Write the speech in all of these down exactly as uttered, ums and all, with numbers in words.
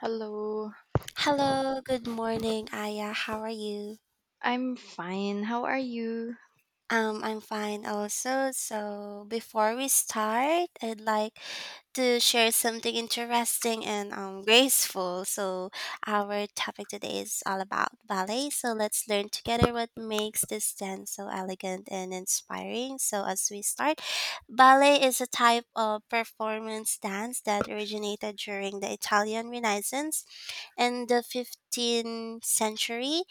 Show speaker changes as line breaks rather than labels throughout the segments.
Hello,
Hello, good morning, Aya. How are you?
I'm fine. How are you?
Um, I'm fine also. So before we start, I'd like to share something interesting and um graceful. So our topic today is all about ballet. So let's learn together what makes this dance so elegant and inspiring. So as we start, ballet is a type of performance dance that originated during the Italian Renaissance in the fifteenth century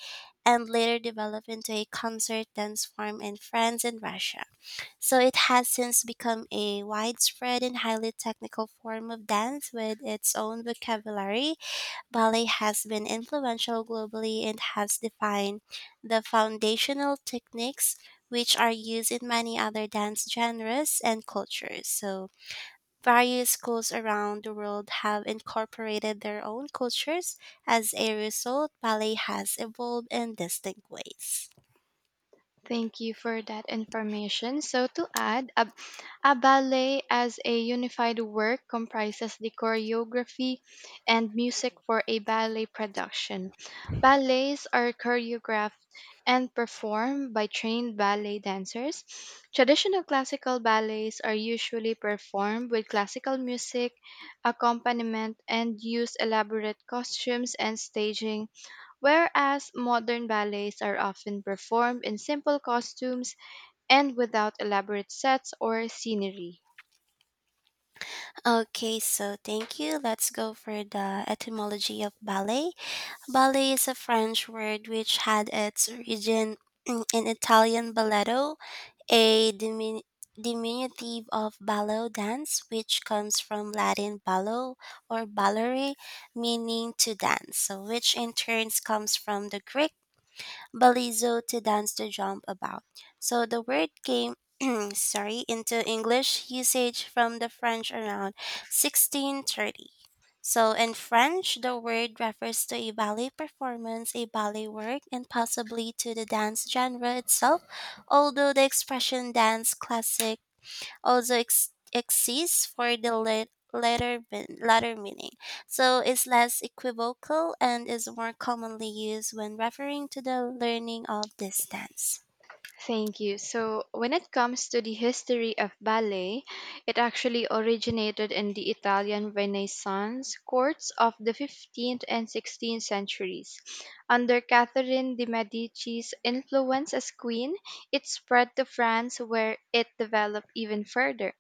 and later developed into a concert dance form in France and Russia. So it has since become a widespread and highly technical form of dance with its own vocabulary. Ballet has been influential globally and has defined the foundational techniques which are used in many other dance genres and cultures. So various schools around the world have incorporated their own cultures. As a result, ballet has evolved in distinct ways.
Thank you for that information. So, to add, a, a ballet as a unified work comprises the choreography and music for a ballet production. Ballets are choreographed and performed by trained ballet dancers. Traditional classical ballets are usually performed with classical music, accompaniment, and use elaborate costumes and staging, whereas modern ballets are often performed in simple costumes and without elaborate sets or scenery.
Okay, so thank you. Let's go for the etymology of ballet. Ballet is a French word which had its origin in in Italian balletto, a dimin- diminutive of ballet dance, which comes from Latin ballo or ballere, meaning to dance, so which in turn comes from the Greek balizo to dance to jump about. So the word came sorry, into English usage from the French around sixteen thirty. So in French, the word refers to a ballet performance, a ballet work, and possibly to the dance genre itself, although the expression dance classic also ex- exists for the la- latter, ben- latter meaning, so it's less equivocal and is more commonly used when referring to the learning of distance.
Thank you. So, when it comes to the history of ballet, it actually originated in the Italian Renaissance courts of the fifteenth and sixteenth centuries. Under Catherine de' Medici's influence as queen, it spread to France where it developed even further.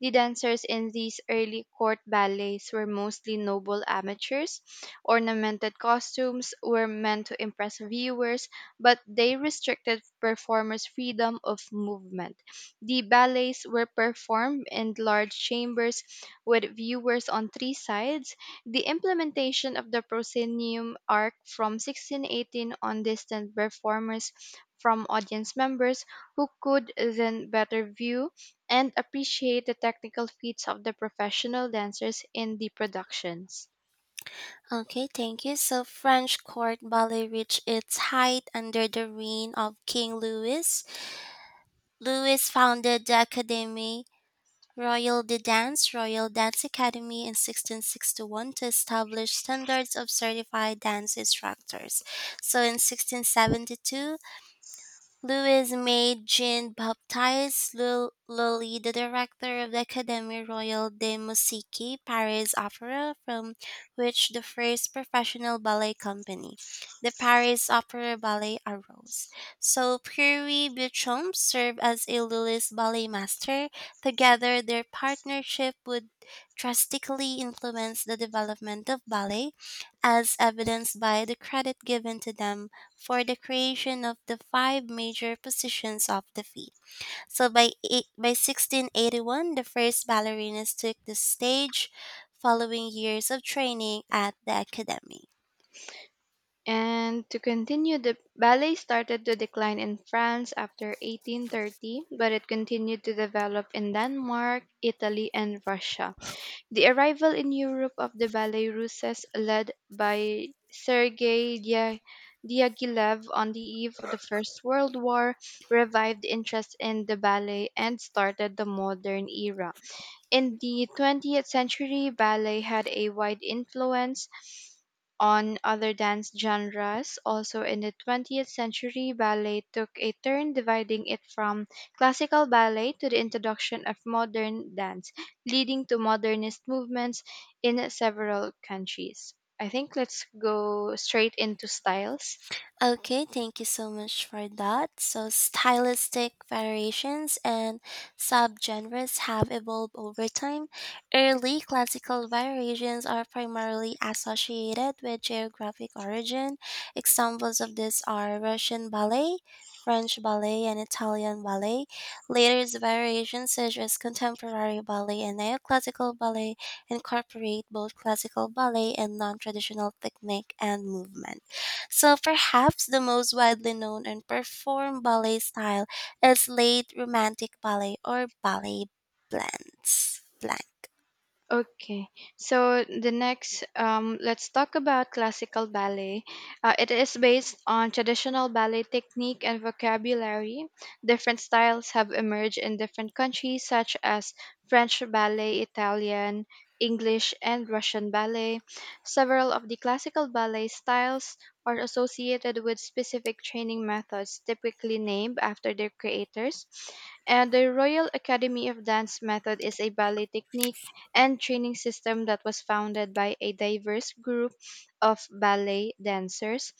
The dancers in these early court ballets were mostly noble amateurs. Ornamented costumes were meant to impress viewers, but they restricted performers' freedom of movement. The ballets were performed in large chambers with viewers on three sides. The implementation of the proscenium arc from sixteen eighteen on distant performers from audience members, who could then better view and appreciate the technical feats of the professional dancers in the productions.
Okay, thank you. So French court ballet reached its height under the reign of King Louis. Louis founded the Académie Royale de Danse, Royal Dance Academy, in sixteen sixty-one to establish standards of certified dance instructors. So in sixteen seventy-two, Lewis made Jean Baptiste Lul- Lully the director of the Académie Royale de Musique Paris Opera, from which the first professional ballet company, the Paris Opera Ballet, arose. So Pierre Beauchamp served as a Lully's ballet master. Together, their partnership would drastically influence the development of ballet, as evidenced by the credit given to them for the creation of the five major positions of the feet. So by eight, by sixteen eighty-one, the first ballerinas took the stage following years of training at the academy.
And to continue, the ballet started to decline in France after eighteen thirty, but it continued to develop in Denmark, Italy, and Russia. The arrival in Europe of the ballet russes, led by Sergei Dia- Diaghilev on the eve of the First World War, revived interest in the ballet and started the modern era. In the twentieth century, ballet had a wide influence on other dance genres. Also, in the twentieth century, ballet took a turn dividing it from classical ballet to the introduction of modern dance, leading to modernist movements in several countries. I think let's go straight into styles.
Okay, thank you so much for that. So, stylistic variations and subgenres have evolved over time. Early classical variations are primarily associated with geographic origin. Examples of this are Russian ballet, French ballet, and Italian ballet. Later variations, such as contemporary ballet and neoclassical ballet, incorporate both classical ballet and non traditional technique and movement. So perhaps the most widely known and performed ballet style is late romantic ballet or ballet blends. Blend.
Okay, so the next, um, let's talk about classical ballet. Uh, it is based on traditional ballet technique and vocabulary. Different styles have emerged in different countries, such as French ballet, Italian, English, and Russian ballet. Several of the classical ballet styles are associated with specific training methods, typically named after their creators. And the Royal Academy of Dance method is a ballet technique and training system that was founded by a diverse group of ballet dancers.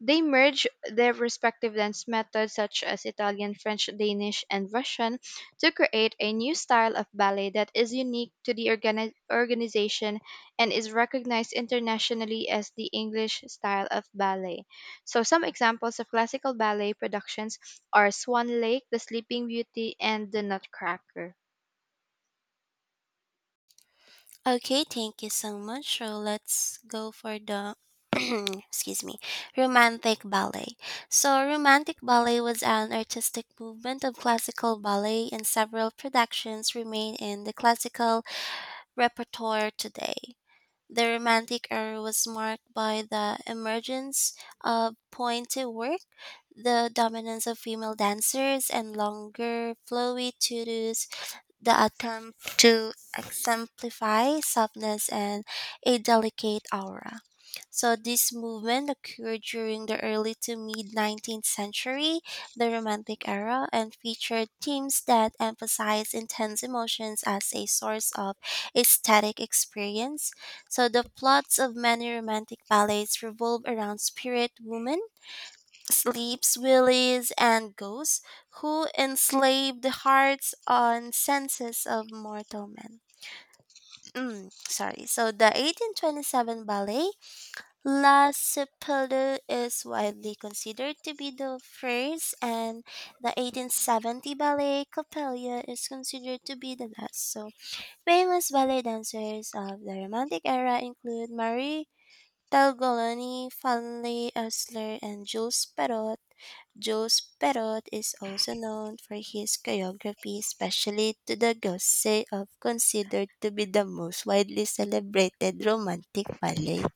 They merged their respective dance methods, such as Italian, French, Danish, and Russian, to create a new style of ballet that is unique to the organi- organization and is recognized internationally as the English style of ballet. So, some examples of classical ballet productions are Swan Lake, The Sleeping Beauty, and The Nutcracker.
Okay, thank you so much. So let's go for the excuse me, romantic ballet. So romantic ballet was an artistic movement of classical ballet and several productions remain in the classical repertoire today. The Romantic era was marked by the emergence of pointe work, the dominance of female dancers, and longer, flowy tutus the attempt to exemplify softness and a delicate aura. So this movement occurred during the early to mid nineteenth century, the Romantic era, and featured themes that emphasize intense emotions as a source of aesthetic experience. So the plots of many Romantic ballets revolve around spirit women sleeps willies and ghosts who enslave the hearts and senses of mortal men. Mm, sorry. So the eighteen twenty-seven ballet La Sepultura is widely considered to be the first, and the eighteen seventy ballet Coppelia is considered to be the last. So famous ballet dancers of the Romantic era include Marie Talgolani, Fanny Esler, and Jules Perrot, Jules Perrot is also known for his choreography, especially to the Gosse of considered to be the most widely celebrated romantic ballet.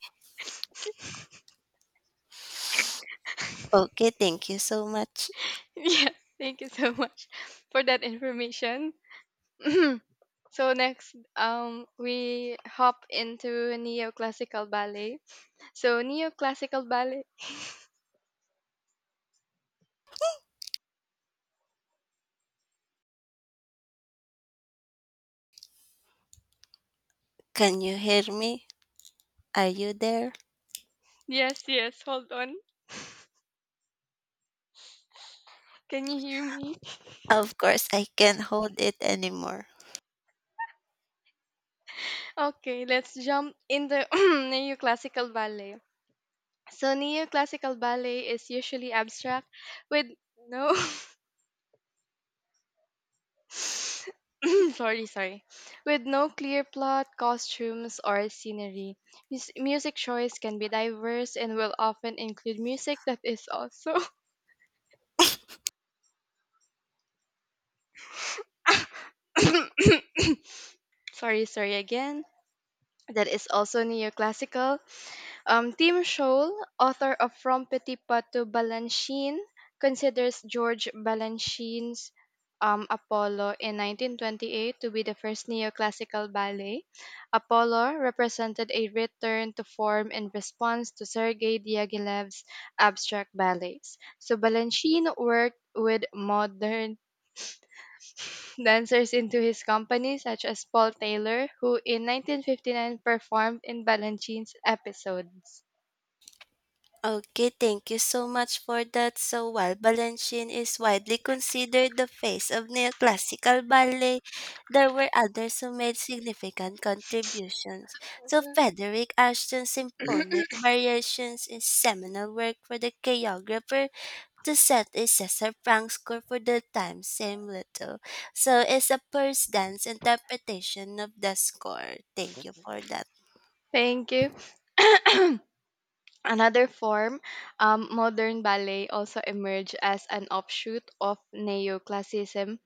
Okay, thank you so much.
Yes, thank you so much for that information. So next, um, we hop into neoclassical ballet. So neoclassical ballet.
Can you hear me? Are you there?
Yes, yes. Hold on. Can you hear me?
Of course, I can't hold it anymore.
Okay, let's jump into neoclassical ballet. So neoclassical ballet is usually abstract with no sorry, sorry. With no clear plot, costumes, or scenery. Mus- music choice can be diverse and will often include music that is also sorry, sorry again. That is also neoclassical. Um, Tim Scholl, author of From Petit to Balanchine, considers George Balanchine's um, Apollo in nineteen twenty-eight to be the first neoclassical ballet. Apollo represented a return to form in response to Sergei Diaghilev's abstract ballets. So Balanchine worked with modern dancers into his company, such as Paul Taylor, who in nineteen fifty-nine performed in Balanchine's episodes.
Okay, thank you so much for that. So while Balanchine is widely considered the face of neoclassical ballet, there were others who made significant contributions. So Frederick Ashton's symphonic variations is seminal work for the choreographer to set a Cesar Franck score for the time Same Little. So it's a first dance interpretation of the score. Thank you for that.
Thank you. Another form, um, modern ballet also emerged as an offshoot of neoclassicism.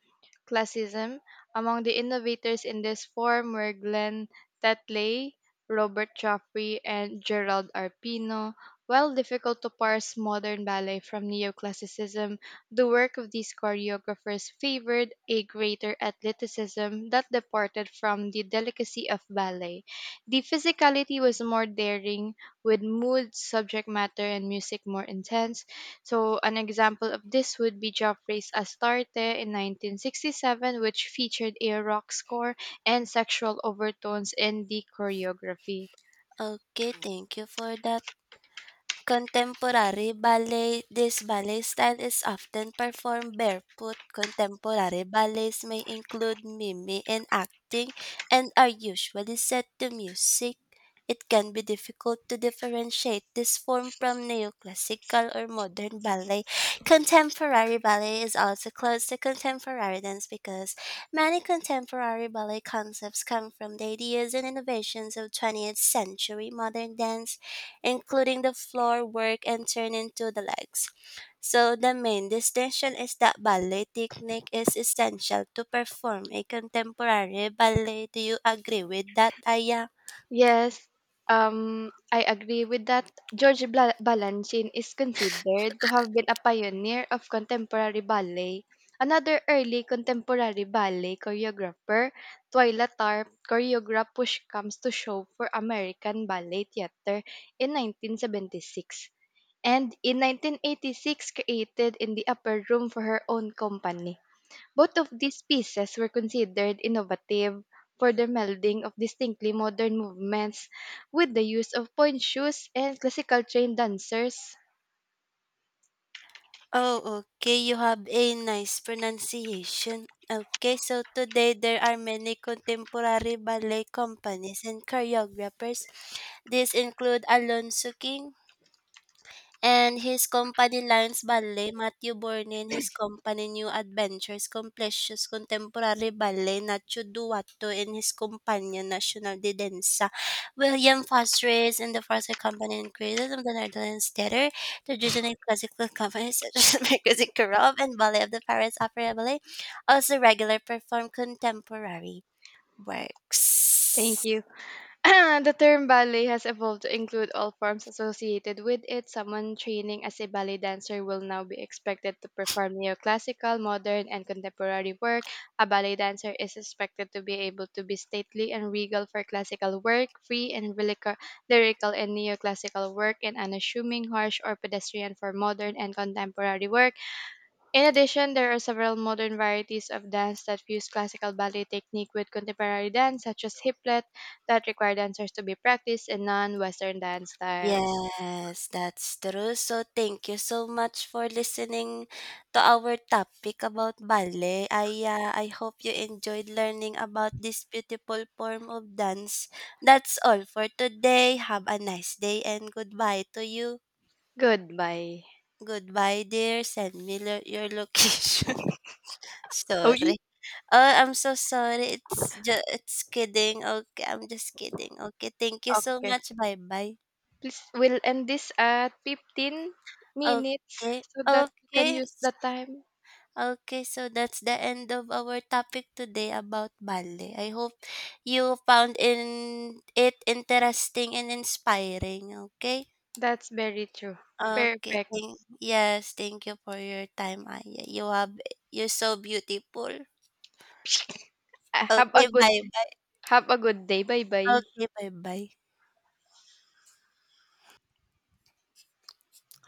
Classicism. Among the innovators in this form were Glenn Tetley, Robert Joffrey, and Gerald Arpino. While difficult to parse modern ballet from neoclassicism, the work of these choreographers favored a greater athleticism that departed from the delicacy of ballet. The physicality was more daring, with mood, subject matter, and music more intense. So, an example of this would be Joffrey's Astarte in nineteen sixty-seven, which featured a rock score and sexual overtones in the choreography.
Okay, thank you for that. Contemporary ballet, this ballet style is often performed barefoot. Contemporary ballets may include mime and acting and are usually set to music. It can be difficult to differentiate this form from neoclassical or modern ballet. Contemporary ballet is also close to contemporary dance because many contemporary ballet concepts come from the ideas and innovations of twentieth century modern dance including the floor work and turning to the legs. So the main distinction is that ballet technique is essential to perform a contemporary ballet. Do you agree with that, Aya?
Yes, um, I agree with that. George Bla- Balanchine is considered to have been a pioneer of contemporary ballet. Another early contemporary ballet choreographer, Twyla Tarp, choreographed Push Comes to Shove for American Ballet Theatre in nineteen seventy-six, and in nineteen eighty-six created In the Upper Room for her own company. Both of these pieces were considered innovative for their melding of distinctly modern movements with the use of point shoes and classical trained dancers.
Oh, okay. You have a nice pronunciation. Okay, so today there are many contemporary ballet companies and choreographers. These include Alonso King, and his company Lions Ballet, Matthew Bournin, his company New Adventures, Completius Contemporary Ballet, Nacho Duatto, and his companion National de Danza, William Foster's and the Foster Company and Creators of the Netherlands Theater, traditional classical companies such as Mercosur Corop and Ballet of the Paris Opera Ballet, also regular perform contemporary
Thank
works.
you. The term ballet has evolved to include all forms associated with it. Someone training as a ballet dancer will now be expected to perform neoclassical, modern, and contemporary work. A ballet dancer is expected to be able to be stately and regal for classical work, free and relica- lyrical and neoclassical work, and unassuming, harsh, or pedestrian for modern and contemporary work. In addition, there are several modern varieties of dance that fuse classical ballet technique with contemporary dance, such as hip hoplet, that require dancers to be practiced in non-Western dance styles.
Yes, that's true. So thank you so much for listening to our topic about ballet. I uh, I hope you enjoyed learning about this beautiful form of dance. That's all for today. Have a nice day and goodbye to you.
Goodbye.
Goodbye, dear. Send me lo- your location.
Oh,
sorry.
ye-
Oh, I'm so sorry. It's just it's kidding. Okay, I'm just kidding. Okay, thank you so
okay.
much. Bye bye.
Please, we'll end this at fifteen minutes
Okay.
so that we can
Okay.
use the time.
Okay, so that's the end of our topic today about ballet. I hope you found in it interesting and inspiring, okay?
That's very true.
Okay,
Perfect.
thank, yes, thank you for your time, Aya. You have you're so beautiful.
Ah, Have a
Okay,
good
bye-bye.
have a good day. Bye bye.
Okay, bye-bye.